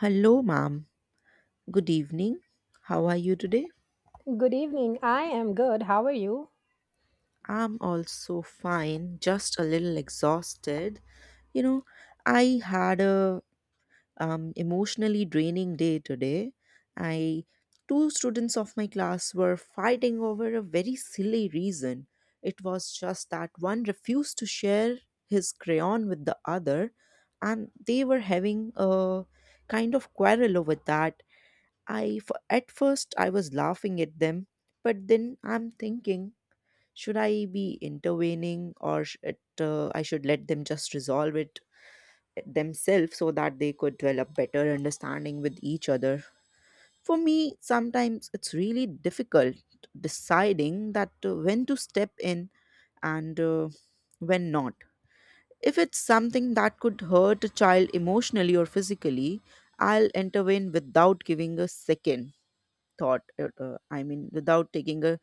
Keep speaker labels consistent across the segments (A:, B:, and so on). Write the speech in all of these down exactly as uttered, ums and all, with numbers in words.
A: Hello, ma'am. Good evening. How are you today?
B: Good evening. I am good. How are you?
A: I'm also fine, just a little exhausted. You know, I had a um, emotionally draining day today. I two students of my class were fighting over a very silly reason. It was just that one refused to share his crayon with the other, and they were having a kind of quarrel over that. I f- at first I was laughing at them, but then I'm thinking, should I be intervening or sh- it, uh, I should let them just resolve it eh, themselves so that they could develop better understanding with each other. For me, sometimes it's really difficult deciding that uh, when to step in and uh, when not. If it's something that could hurt a child emotionally or physically, I'll intervene without giving a second thought, uh, uh, I mean without taking a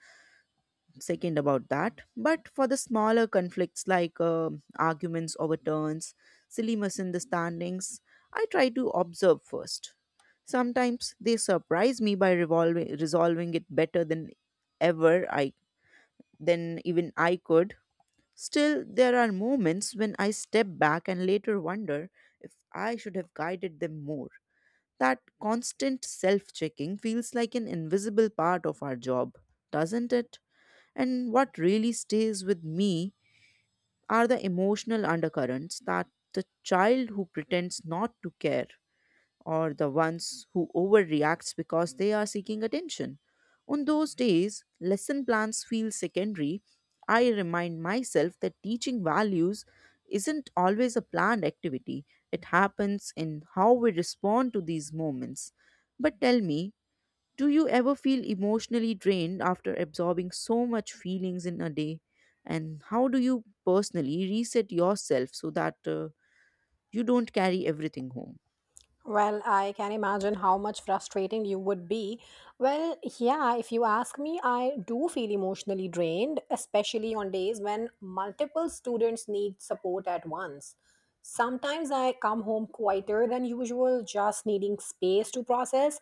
A: second about that. But for the smaller conflicts like um arguments overturns, silly misunderstandings, I try to observe first. Sometimes they surprise me by revolving, resolving it better than ever I than even I could. Still there are moments when I step back and later wonder if I should have guided them more. That constant self checking feels like an invisible part of our job, doesn't it? And what really stays with me are the emotional undercurrents, that the child who pretends not to care or the ones who overreacts because they are seeking attention. On those days, lesson plans feel secondary. I remind myself that teaching values isn't always a planned activity. It happens in how we respond to these moments. But tell me, do you ever feel emotionally drained after absorbing so much feelings in a day? And how do you personally reset yourself so that uh, you don't carry everything home?
B: Well, I can imagine how much frustrating you would be. Well, yeah, if you ask me, I do feel emotionally drained, especially on days when multiple students need support at once. Sometimes I come home quieter than usual, just needing space to process.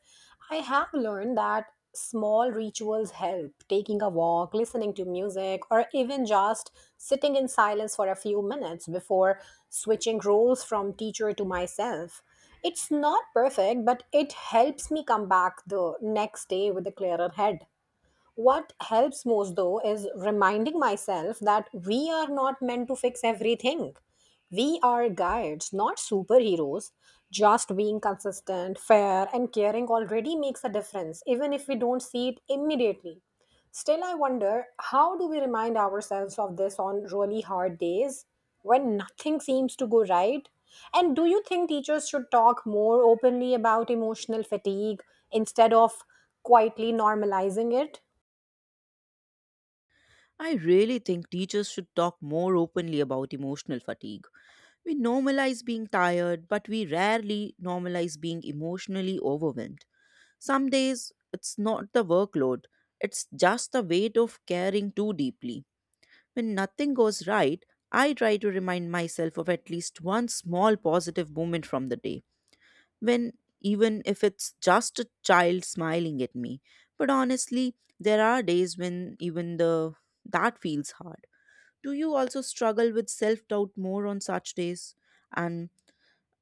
B: I have learned that small rituals help taking a walk, listening to music, or even just sitting in silence for a few minutes before switching roles from teacher to myself. It's not perfect, but it helps me come back the next day with a clearer head. What helps most, though, is reminding myself that we are not meant to fix everything. We are guides, not superheroes. Just being consistent, fair, and caring already makes a difference, even if we don't see it immediately. Still, I wonder how do we remind ourselves of this on really hard days when nothing seems to go right? And do you think teachers should talk more openly about emotional fatigue instead of quietly normalizing it?
A: I really think teachers should talk more openly about emotional fatigue. We normalize being tired, but we rarely normalize being emotionally overwhelmed. Some days, it's not the workload, it's just the weight of caring too deeply. When nothing goes right, I try to remind myself of at least one small positive moment from the day, when even if it's just a child smiling at me. But honestly, there are days when even the that feels hard. Do you also struggle with self-doubt more on such days? And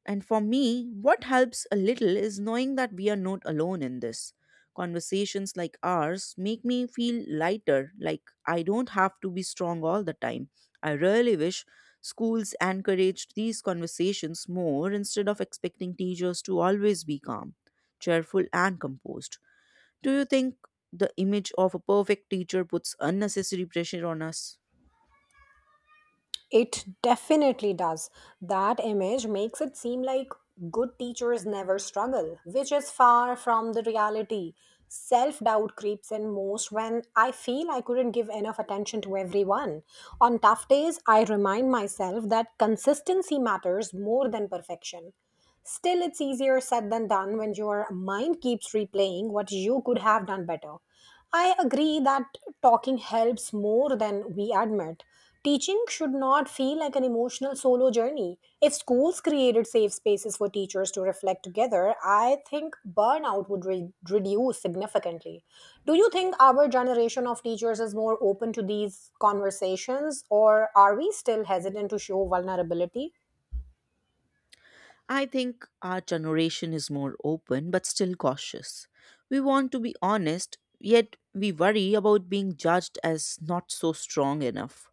A: and for me, what helps a little is knowing that we are not alone in this. Conversations like ours make me feel lighter, like I don't have to be strong all the time. I really wish schools encouraged these conversations more instead of expecting teachers to always be calm, cheerful, and composed. Do you think the image of a perfect teacher puts unnecessary pressure on us?
B: It definitely does. That image makes it seem like good teachers never struggle, which is far from the reality. Self doubt creeps in most when I feel I couldn't give enough attention to everyone. On tough days, I remind myself that consistency matters more than perfection. Still, it's easier said than done when your mind keeps replaying what you could have done better. I agree that talking helps more than we admit. Teaching should not feel like an emotional solo journey. If schools created safe spaces for teachers to reflect together, I think burnout would re- reduce significantly. Do you think our generation of teachers is more open to these conversations, or are we still hesitant to show vulnerability?
A: I think our generation is more open but still cautious. We want to be honest, yet we worry about being judged as not so strong enough.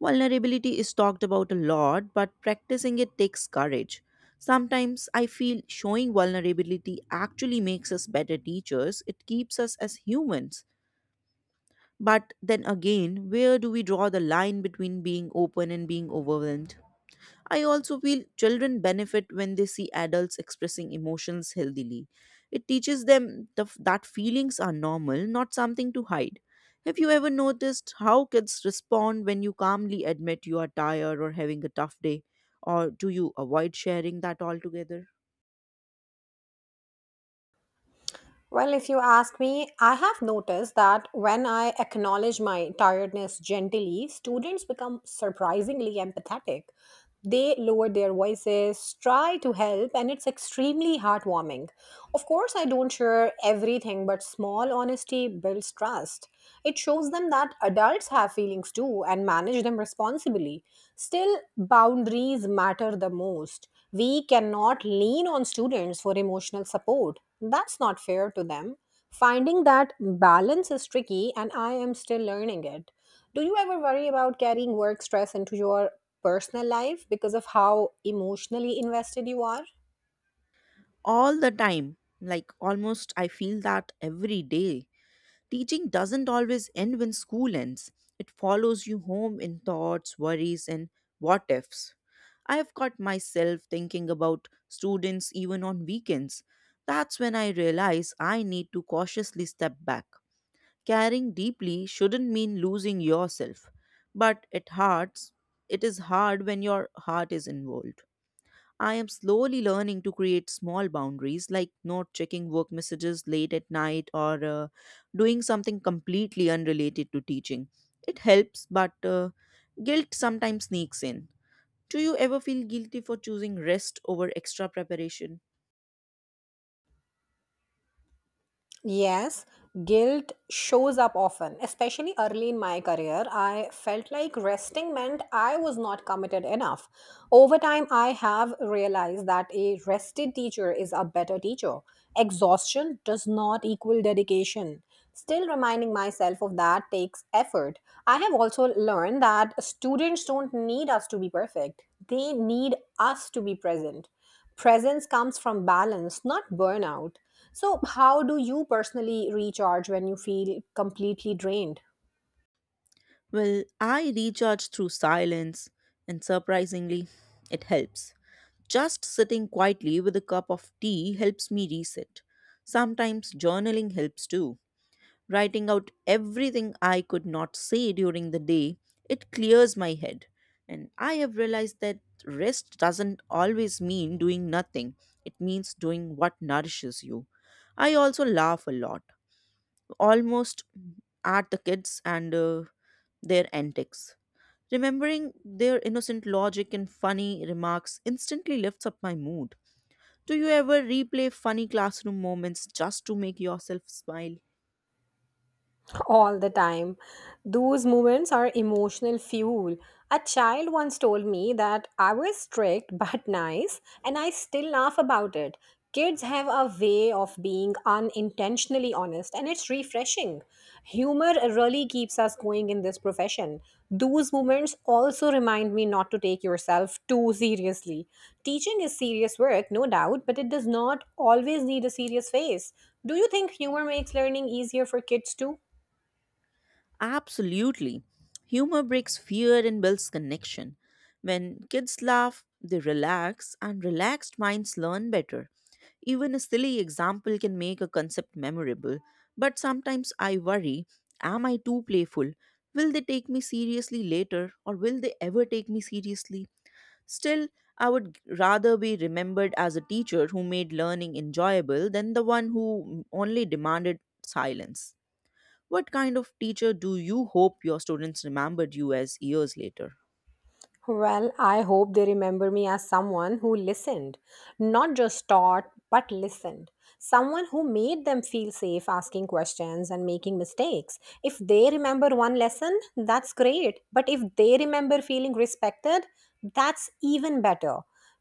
A: Vulnerability is talked about a lot, but practicing it takes courage. Sometimes I feel showing vulnerability actually makes us better teachers, it keeps us as humans. But then again, where do we draw the line between being open and being overwhelmed? I also feel children benefit when they see adults expressing emotions healthily. It teaches them the, that feelings are normal, not something to hide. Have you ever noticed how kids respond when you calmly admit you are tired or having a tough day? Or do you avoid sharing that altogether?
B: Well, if you ask me, I have noticed that when I acknowledge my tiredness gently, students become surprisingly empathetic, they lower their voices, try to help, and it's extremely heartwarming. Of course, I don't share everything, but small honesty builds trust. It shows them that adults have feelings too and manage them responsibly. Still, boundaries matter the most. We cannot lean on students for emotional support. That's not fair to them. Finding that balance is tricky, and I am still learning it. Do you ever worry about carrying work stress into your personal life because of how emotionally invested you are?
A: All the time. Like almost, I feel that every day. Teaching doesn't always end when school ends, it follows you home in thoughts, worries, and what ifs. I have caught myself thinking about students even on weekends. That's when I realize I need to cautiously step back. Caring deeply shouldn't mean losing yourself, but it hurts. It is hard when your heart is involved. I am slowly learning to create small boundaries, like not checking work messages late at night or uh, doing something completely unrelated to teaching. It helps, but uh, guilt sometimes sneaks in. Do you ever feel guilty for choosing rest over extra preparation?
B: Yes, guilt shows up often, especially early in my career. I felt like resting meant I was not committed enough. Over time, I have realized that a rested teacher is a better teacher. Exhaustion does not equal dedication. Still, reminding myself of that takes effort. I have also learned that students don't need us to be perfect, they need us to be present. Presence comes from balance, not burnout. So, how do you personally recharge when you feel completely drained?
A: Well, I recharge through silence, and surprisingly, it helps. Just sitting quietly with a cup of tea helps me reset. Sometimes journaling helps too. Writing out everything I could not say during the day, it clears my head. And I have realized that rest doesn't always mean doing nothing, it means doing what nourishes you. I also laugh a lot, almost at the kids and uh, their antics. Remembering their innocent logic and funny remarks instantly lifts up my mood. Do you ever replay funny classroom moments just to make yourself smile?
B: All the time. Those moments are emotional fuel. A child once told me that I was strict but nice, and I still laugh about it. Kids have a way of being unintentionally honest, and it's refreshing. Humor really keeps us going in this profession. Those moments also remind me not to take yourself too seriously. Teaching is serious work, no doubt, but it does not always need a serious face. Do you think humor makes learning easier for kids too?
A: Absolutely. Humor breaks fear and builds connection. When kids laugh, they relax, and relaxed minds learn better. Even a silly example can make a concept memorable. But sometimes I worry, am I too playful? Will they take me seriously later, or will they ever take me seriously? Still, I would rather be remembered as a teacher who made learning enjoyable than the one who only demanded silence. What kind of teacher do you hope your students remembered you as years later?
B: Well, I hope they remember me as someone who listened, not just taught, but listened. Someone who made them feel safe asking questions and making mistakes. If they remember one lesson, that's great. But if they remember feeling respected, that's even better.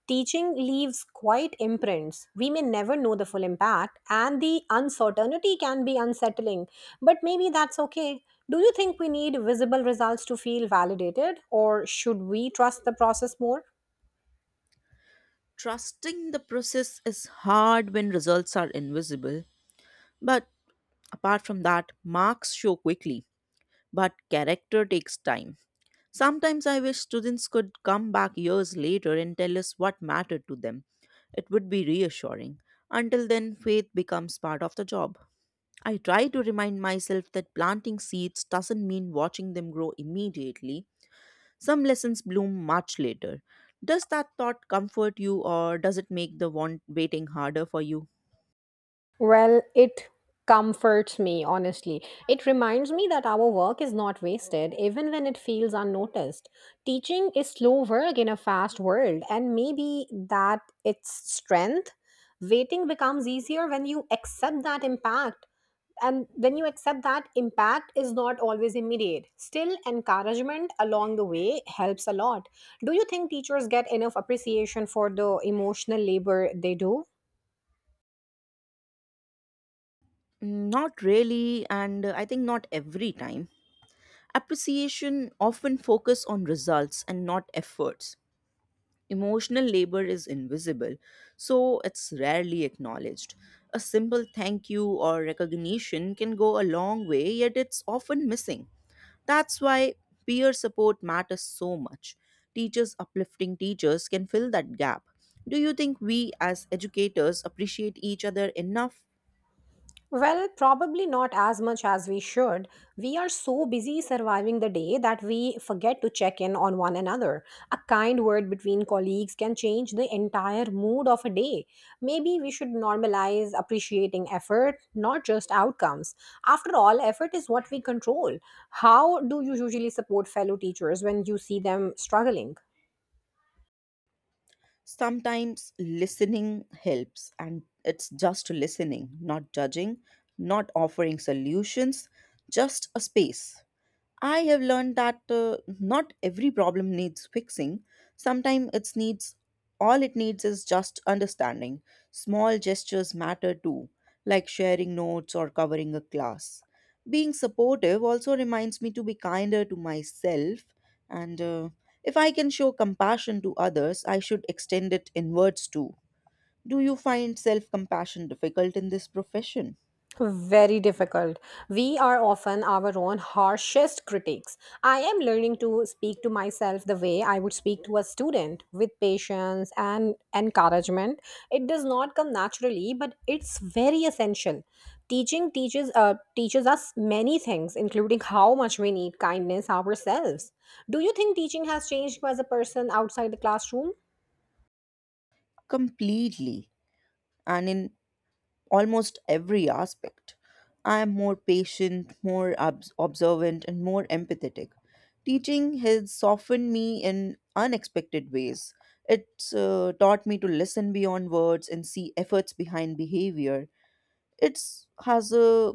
B: Teaching leaves quite imprints. We may never know the full impact, and the uncertainty can be unsettling, but maybe that's okay. Do you think we need visible results to feel validated, or should we trust the process more?
A: Trusting the process is hard when results are invisible, but apart from that, marks show quickly, but character takes time. Sometimes I wish students could come back years later and tell us what mattered to them. It would be reassuring. Until then, faith becomes part of the job. I try to remind myself that planting seeds doesn't mean watching them grow immediately. Some lessons bloom much later. Does that thought comfort you or does it make the want waiting harder for you?
B: Well, it comforts me, honestly. It reminds me that our work is not wasted, even when it feels unnoticed. Teaching is slow work in a fast world, and maybe that its strength. Waiting becomes easier when you accept that impact. And when you accept that impact is not always immediate, still encouragement along the way helps a lot. Do you think teachers get enough appreciation for the emotional labor they do?
A: Mm, Not really, and uh, I think not every time. Appreciation often focus on results and not efforts. Emotional labor is invisible, so it's rarely acknowledged. A simple thank you or recognition can go a long way, yet it's often missing. That's why peer support matters so much. Teachers uplifting teachers can fill that gap. Do you think we as educators appreciate each other enough?
B: Well, probably not as much as we should. We are so busy surviving the day that we forget to check in on one another. A kind word between colleagues can change the entire mood of a day. Maybe we should normalize appreciating effort, not just outcomes. After all, effort is what we control. How do you usually support fellow teachers when you see them struggling?
A: Sometimes listening helps, and it's just listening, not judging, not offering solutions, just a space. I have learned that uh, not every problem needs fixing. Sometimes it needs All it needs is just understanding. Small gestures matter too, like sharing notes or covering a class. Being supportive also reminds me to be kinder to myself, and uh, if I can show compassion to others, I should extend it inwards too. Do you find self compassion difficult in this profession?
B: Very difficult. We are often our own harshest critics. I am learning to speak to myself the way I would speak to a student with patience and encouragement. It does not come naturally, but it's very essential. Teaching teaches uh, teaches us many things, including how much we need kindness ourselves. Do you think teaching has changed you as a person outside the classroom?
A: Completely. And in almost every aspect. I am more patient, more obs- observant, and more empathetic. Teaching has softened me in unexpected ways. It's uh, taught me to listen beyond words and see efforts behind behavior. It's has uh,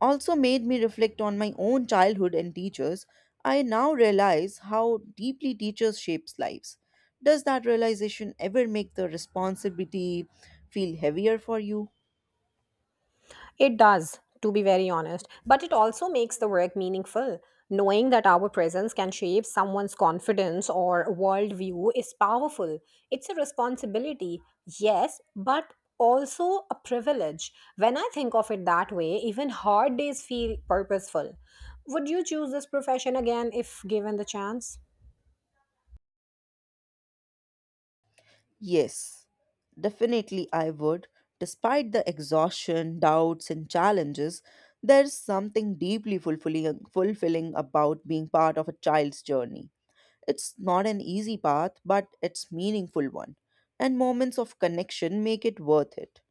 A: also made me reflect on my own childhood and teachers. I now realize how deeply teachers shapes lives. Does that realization ever make the responsibility feel heavier for you?
B: It does, to be very honest, but it also makes the work meaningful. Knowing that our presence can shape someone's confidence or worldview is powerful. It's a responsibility, yes, but also a privilege. When I think of it that way, even hard days feel purposeful. Would you choose this profession again if given the chance?
A: Yes, definitely I would. Despite the exhaustion, doubts, and challenges, there's something deeply fulfilling, fulfilling about being part of a child's journey. It's not an easy path, but it's meaningful one, and moments of connection make it worth it.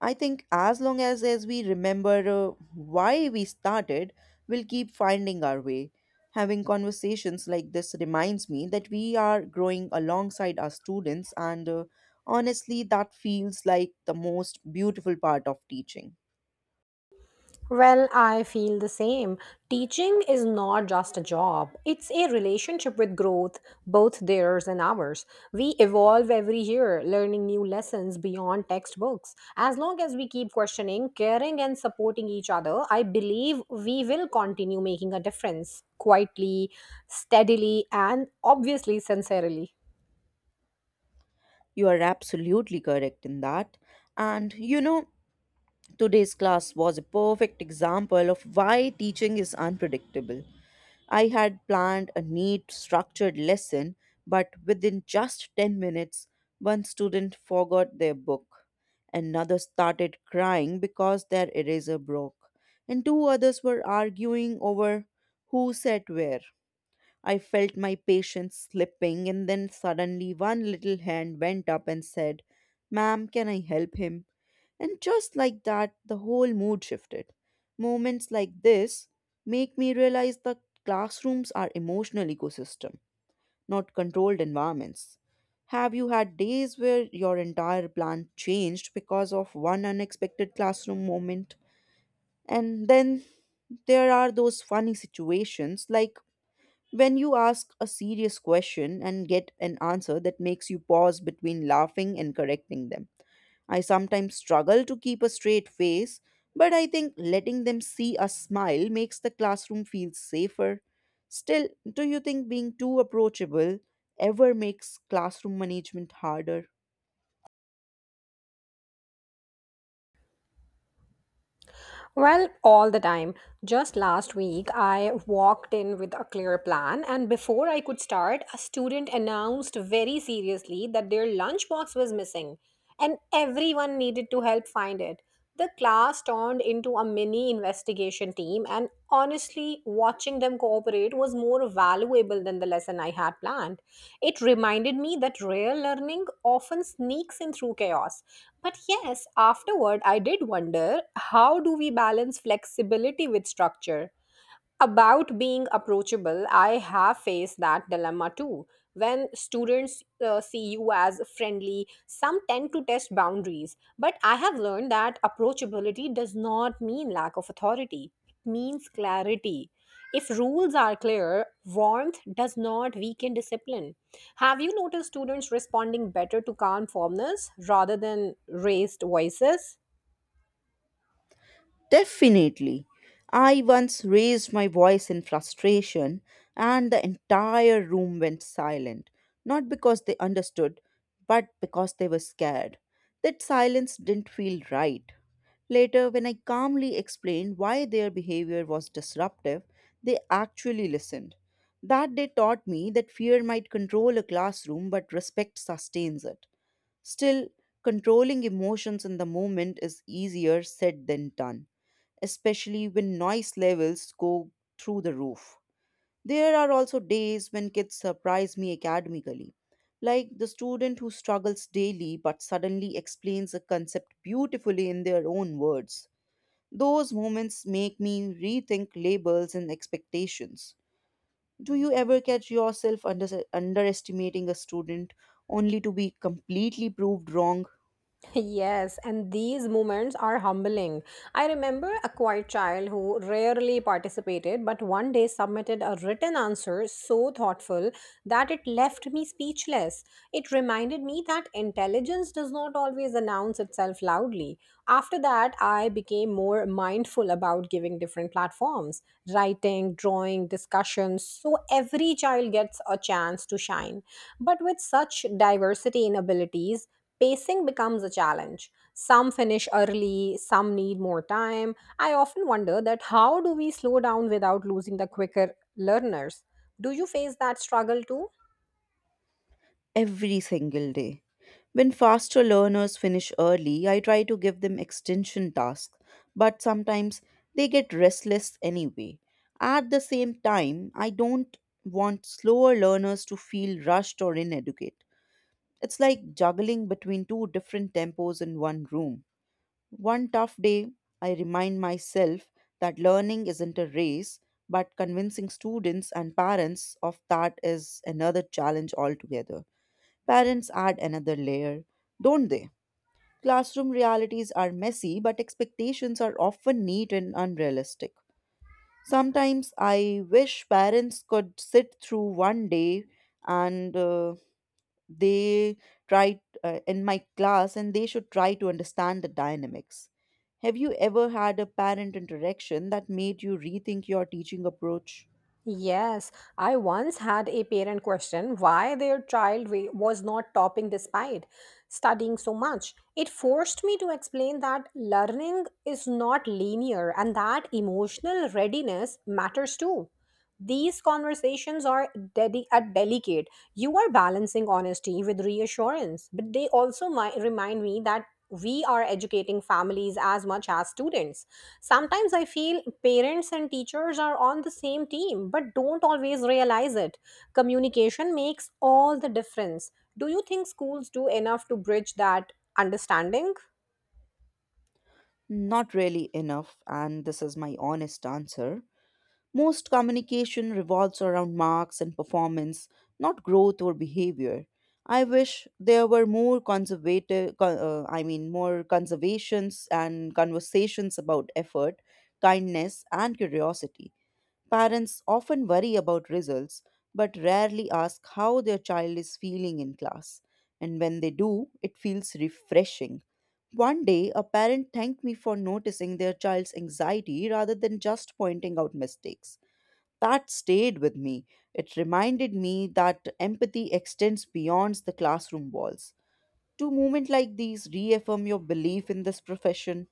A: I think as long as, as we remember uh, why we started, we'll keep finding our way. Having conversations like this reminds me that we are growing alongside our students, and uh, honestly, that feels like the most beautiful part of teaching.
B: Well, I feel the same. Teaching is not just a job, it's a relationship with growth, both theirs and ours. We evolve every year, learning new lessons beyond textbooks. As long as we keep questioning, caring, and supporting each other, I believe we will continue making a difference quietly, steadily, and obviously sincerely.
A: You are absolutely correct in that. And you know, today's class was a perfect example of why teaching is unpredictable. I had planned a neat, structured lesson, but within just ten minutes, one student forgot their book. Another started crying because their eraser broke, and two others were arguing over who sat where. I felt my patience slipping, and then suddenly one little hand went up and said, "Ma'am, can I help him?" And just like that, the whole mood shifted. Moments like this make me realize that classrooms are emotional ecosystem, not controlled environments. Have you had days where your entire plan changed because of one unexpected classroom moment? And then there are those funny situations, like when you ask a serious question and get an answer that makes you pause between laughing and correcting them. I sometimes struggle to keep a straight face, but I think letting them see us smile makes the classroom feel safer. Still, do you think being too approachable ever makes classroom management harder?
B: Well, all the time. Just last week, I walked in with a clear plan, and before I could start, a student announced very seriously that their lunchbox was missing, and everyone needed to help find it. The class turned into a mini investigation team, and honestly, watching them cooperate was more valuable than the lesson I had planned. It reminded me that real learning often sneaks in through chaos, but yes, afterward, I did wonder, how do we balance flexibility with structure? About being approachable, I have faced that dilemma too. When students uh, see you as friendly, some tend to test boundaries. But I have learned that approachability does not mean lack of authority, it means clarity. If rules are clear, warmth does not weaken discipline. Have you noticed students responding better to calm formness rather than raised voices?
A: Definitely. I once raised my voice in frustration, and the entire room went silent, not because they understood, but because they were scared. That silence didn't feel right. Later, when I calmly explained why their behavior was disruptive, they actually listened. That day taught me that fear might control a classroom, but respect sustains it. Still, controlling emotions in the moment is easier said than done, especially when noise levels go through the roof. There are also days when kids surprise me academically, like the student who struggles daily but suddenly explains a concept beautifully in their own words. Those moments make me rethink labels and expectations. Do you ever catch yourself under- underestimating a student only to be completely proved wrong?
B: Yes, and these moments are humbling. I remember a quiet child who rarely participated but one day submitted a written answer so thoughtful that it left me speechless. It reminded me that intelligence does not always announce itself loudly. After that, I became more mindful about giving different platforms, writing, drawing, discussions, so every child gets a chance to shine. But with such diversity in abilities, pacing becomes a challenge. Some finish early, some need more time. I often wonder that how do we slow down without losing the quicker learners? Do you face that struggle too?
A: Every single day. When faster learners finish early, I try to give them extension tasks, but sometimes they get restless anyway. At the same time, I don't want slower learners to feel rushed or ineducate. It's like juggling between two different tempos in one room. One tough day, I remind myself that learning isn't a race, but convincing students and parents of that is another challenge altogether. Parents add another layer, don't they? Classroom realities are messy, but expectations are often neat and unrealistic. Sometimes I wish parents could sit through one day and uh, they try uh, in my class, and they should try to understand the dynamics. Have you ever had a parent interaction that made you rethink your teaching approach?
B: Yes, I once had a parent question why their child wa- was not topping despite studying so much. It forced me to explain that learning is not linear and that emotional readiness matters too. These conversations are, dedi- are delicate. You are balancing honesty with reassurance, but they also mi- remind me that we are educating families as much as students. Sometimes I feel parents and teachers are on the same team, but don't always realize it. Communication makes all the difference. Do you think schools do enough to bridge that understanding?
A: Not really enough, and this is my honest answer. Most communication revolves around marks and performance, not growth or behavior. I wish there were more conservative, co- uh, I mean, more conservations and conversations about effort, kindness, and curiosity. Parents often worry about results, but rarely ask how their child is feeling in class. And when they do, it feels refreshing. One day, a parent thanked me for noticing their child's anxiety rather than just pointing out mistakes. That stayed with me. It reminded me that empathy extends beyond the classroom walls. Do moments like these reaffirm your belief in this profession?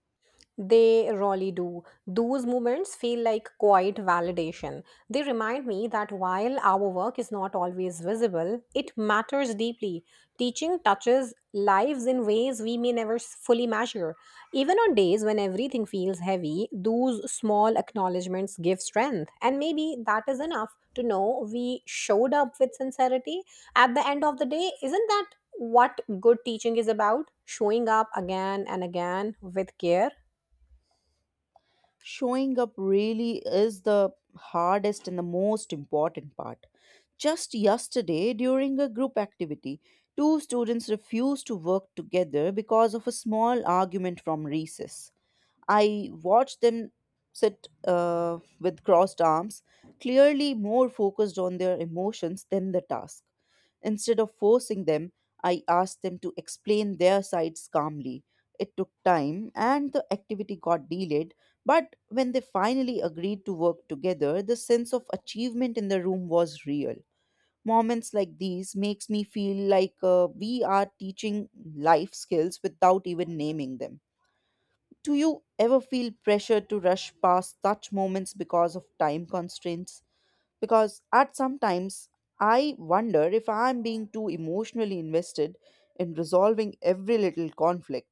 B: They really do. Those moments feel like quiet validation. They remind me that while our work is not always visible, it matters deeply. Teaching touches lives in ways we may never s- fully measure. Even on days when everything feels heavy, those small acknowledgements give strength. And maybe that is enough to know we showed up with sincerity. At the end of the day, isn't that what good teaching is about? Showing up again and again with care.
A: Showing up really is the hardest and the most important part. Just yesterday, during a group activity, two students refused to work together because of a small argument from recess. I watched them sit uh, with crossed arms, clearly more focused on their emotions than the task. Instead of forcing them, I asked them to explain their sides calmly. It took time and the activity got delayed, but when they finally agreed to work together, the sense of achievement in the room was real. Moments like these makes me feel like uh, we are teaching life skills without even naming them. Do you ever feel pressure to rush past such moments because of time constraints? Because at some times I wonder if I'm being too emotionally invested in resolving every little conflict.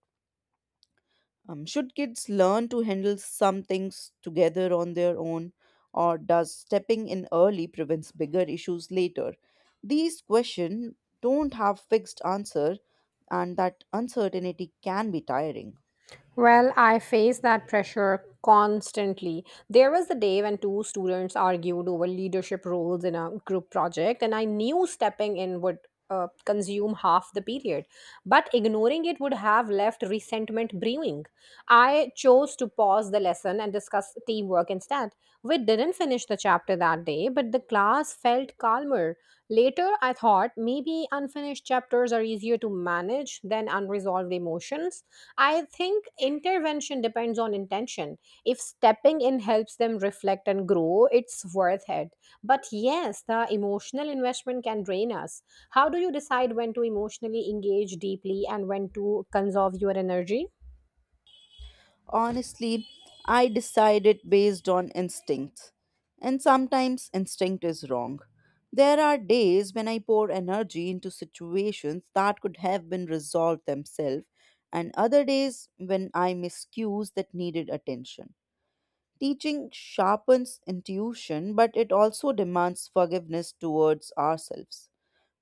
A: Um, should kids learn to handle some things together on their own, or does stepping in early prevents bigger issues later? These questions don't have fixed answer, and that uncertainty can be tiring.
B: Well, I face that pressure constantly. There was the day when two students argued over leadership roles in a group project, and I knew stepping in would uh, consume half the period, but ignoring it would have left resentment brewing. I chose to pause the lesson and discuss teamwork instead. We didn't finish the chapter that day, but the class felt calmer. Later, I thought maybe unfinished chapters are easier to manage than unresolved emotions. I think intervention depends on intention. If stepping in helps them reflect and grow, it's worth it. But yes, the emotional investment can drain us. How do you decide when to emotionally engage deeply and when to conserve your energy?
A: Honestly, I decide it based on instincts. And sometimes instinct is wrong. There are days when I pour energy into situations that could have been resolved themselves, and other days when I miss cues that needed attention. Teaching sharpens intuition, but it also demands forgiveness towards ourselves.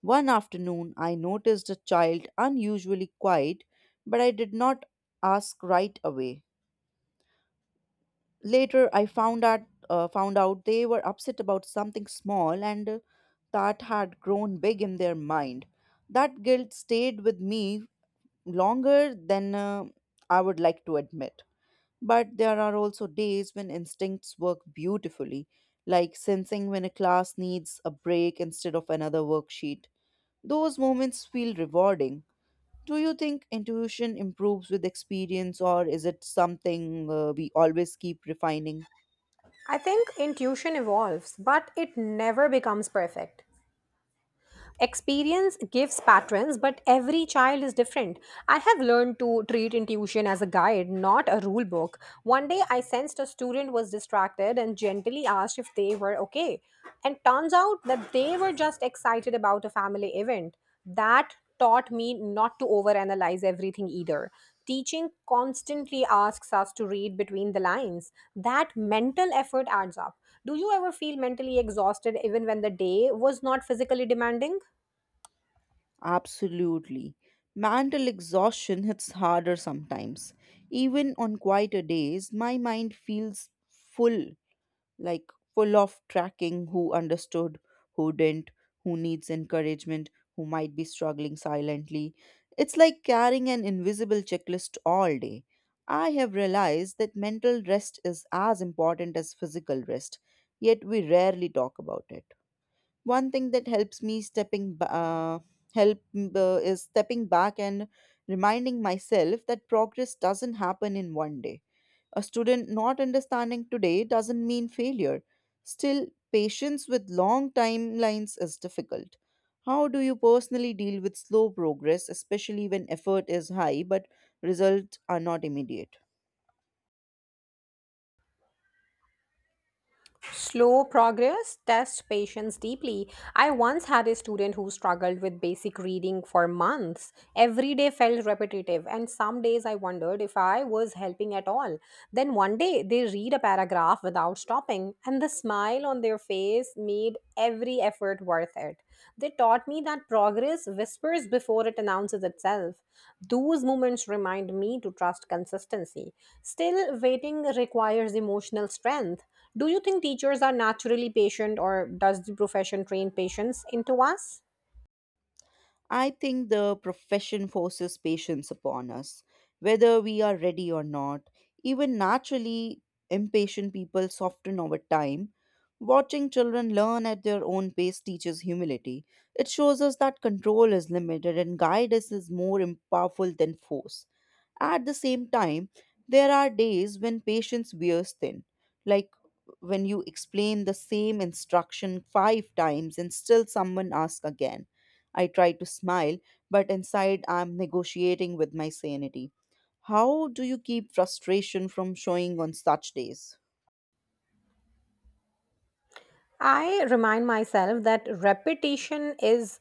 A: One afternoon, I noticed a child unusually quiet, but I did not ask right away. Later, I found out uh, found out they were upset about something small, and uh, that had grown big in their mind. That guilt stayed with me longer than uh, I would like to admit. But there are also days when instincts work beautifully, like sensing when a class needs a break instead of another worksheet. Those moments feel rewarding. Do you think intuition improves with experience, or is it something uh, we always keep refining?
B: I think intuition evolves, but it never becomes perfect. Experience gives patterns, but every child is different. I have learned to treat intuition as a guide, not a rule book. One day I sensed a student was distracted and gently asked if they were okay. And turns out that they were just excited about a family event. That taught me not to overanalyze everything either. Teaching constantly asks us to read between the lines. That mental effort adds up. Do you ever feel mentally exhausted even when the day was not physically demanding?
A: Absolutely. Mental exhaustion hits harder sometimes. Even on quieter days, my mind feels full, like full of tracking who understood, who didn't, who needs encouragement, who might be struggling silently. It's like carrying an invisible checklist all day. I have realized that mental rest is as important as physical rest, yet we rarely talk about it. One thing that helps me stepping ba- uh, help m- uh, is stepping back and reminding myself that progress doesn't happen in one day. A student not understanding today doesn't mean failure. Still, patience with long timelines is difficult. How do you personally deal with slow progress, especially when effort is high but results are not immediate?
B: Slow progress tests patience deeply. I once had a student who struggled with basic reading for months. Every day felt repetitive, and some days I wondered if I was helping at all. Then one day they read a paragraph without stopping, and the smile on their face made every effort worth it. They taught me that progress whispers before it announces itself. Those moments remind me to trust consistency. Still, waiting requires emotional strength. Do you think teachers are naturally patient, or does the profession train patience into us?
A: I think the profession forces patience upon us, whether we are ready or not. Even naturally, impatient people soften over time. Watching children learn at their own pace teaches humility. It shows us that control is limited and guidance is more im- powerful than force. At the same time, there are days when patience wears thin, like when you explain the same instruction five times and still someone asks again. I try to smile, but inside I'm negotiating with my sanity. How do you keep frustration from showing on such days?
B: I remind myself that repetition is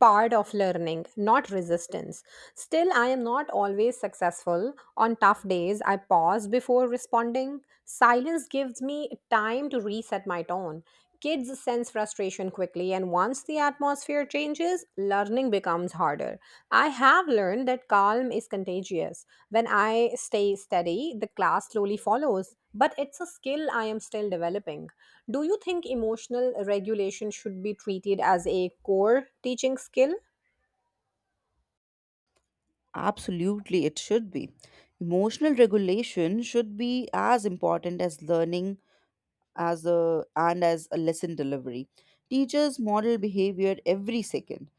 B: part of learning, not resistance. Still, I am not always successful. On tough days, I pause before responding. Silence gives me time to reset my tone. Kids sense frustration quickly, and once the atmosphere changes, learning becomes harder. I have learned that calm is contagious. When I stay steady, the class slowly follows but it's a skill I am still developing. Do you think emotional regulation should be treated as a core teaching skill?
A: Absolutely, it should be. Emotional regulation should be as important as learning as a and as a lesson delivery. Teachers model behavior every second,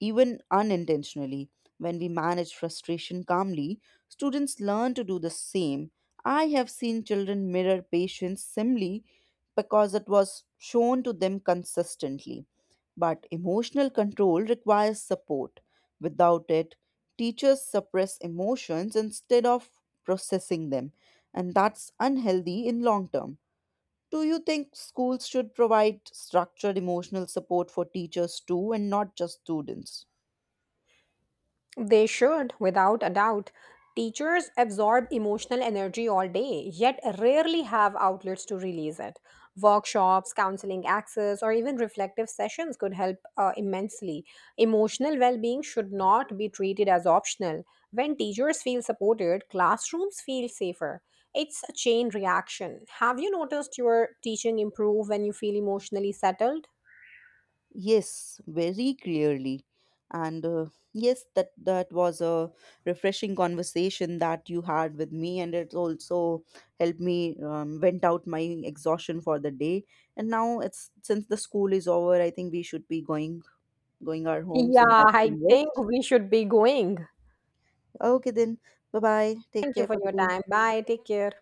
A: even unintentionally. When we manage frustration calmly, students learn to do the same. I have seen children mirror patience simply because it was shown to them consistently. But emotional control requires support. Without it, teachers suppress emotions instead of processing them, and that's unhealthy in long term. Do you think schools should provide structured emotional support for teachers too and not just students?
B: They should, without a doubt. Teachers absorb emotional energy all day, yet rarely have outlets to release it. Workshops, counseling access, or even reflective sessions could help uh, immensely. Emotional well being should not be treated as optional. When teachers feel supported, classrooms feel safer. It's a chain reaction. Have you noticed your teaching improve when you feel emotionally settled?
A: Yes, very clearly. And uh, yes, that, that was a refreshing conversation that you had with me, and it also helped me um, vent out my exhaustion for the day. And now it's since the school is over, I think we should be going going our homes
B: Yeah,
A: and have
B: I
A: some
B: think
A: rest.
B: we should be going.
A: Okay, then. Bye bye. Take
B: Thank you
A: care
B: for
A: for the
B: your
A: day.
B: time. Bye. Take care.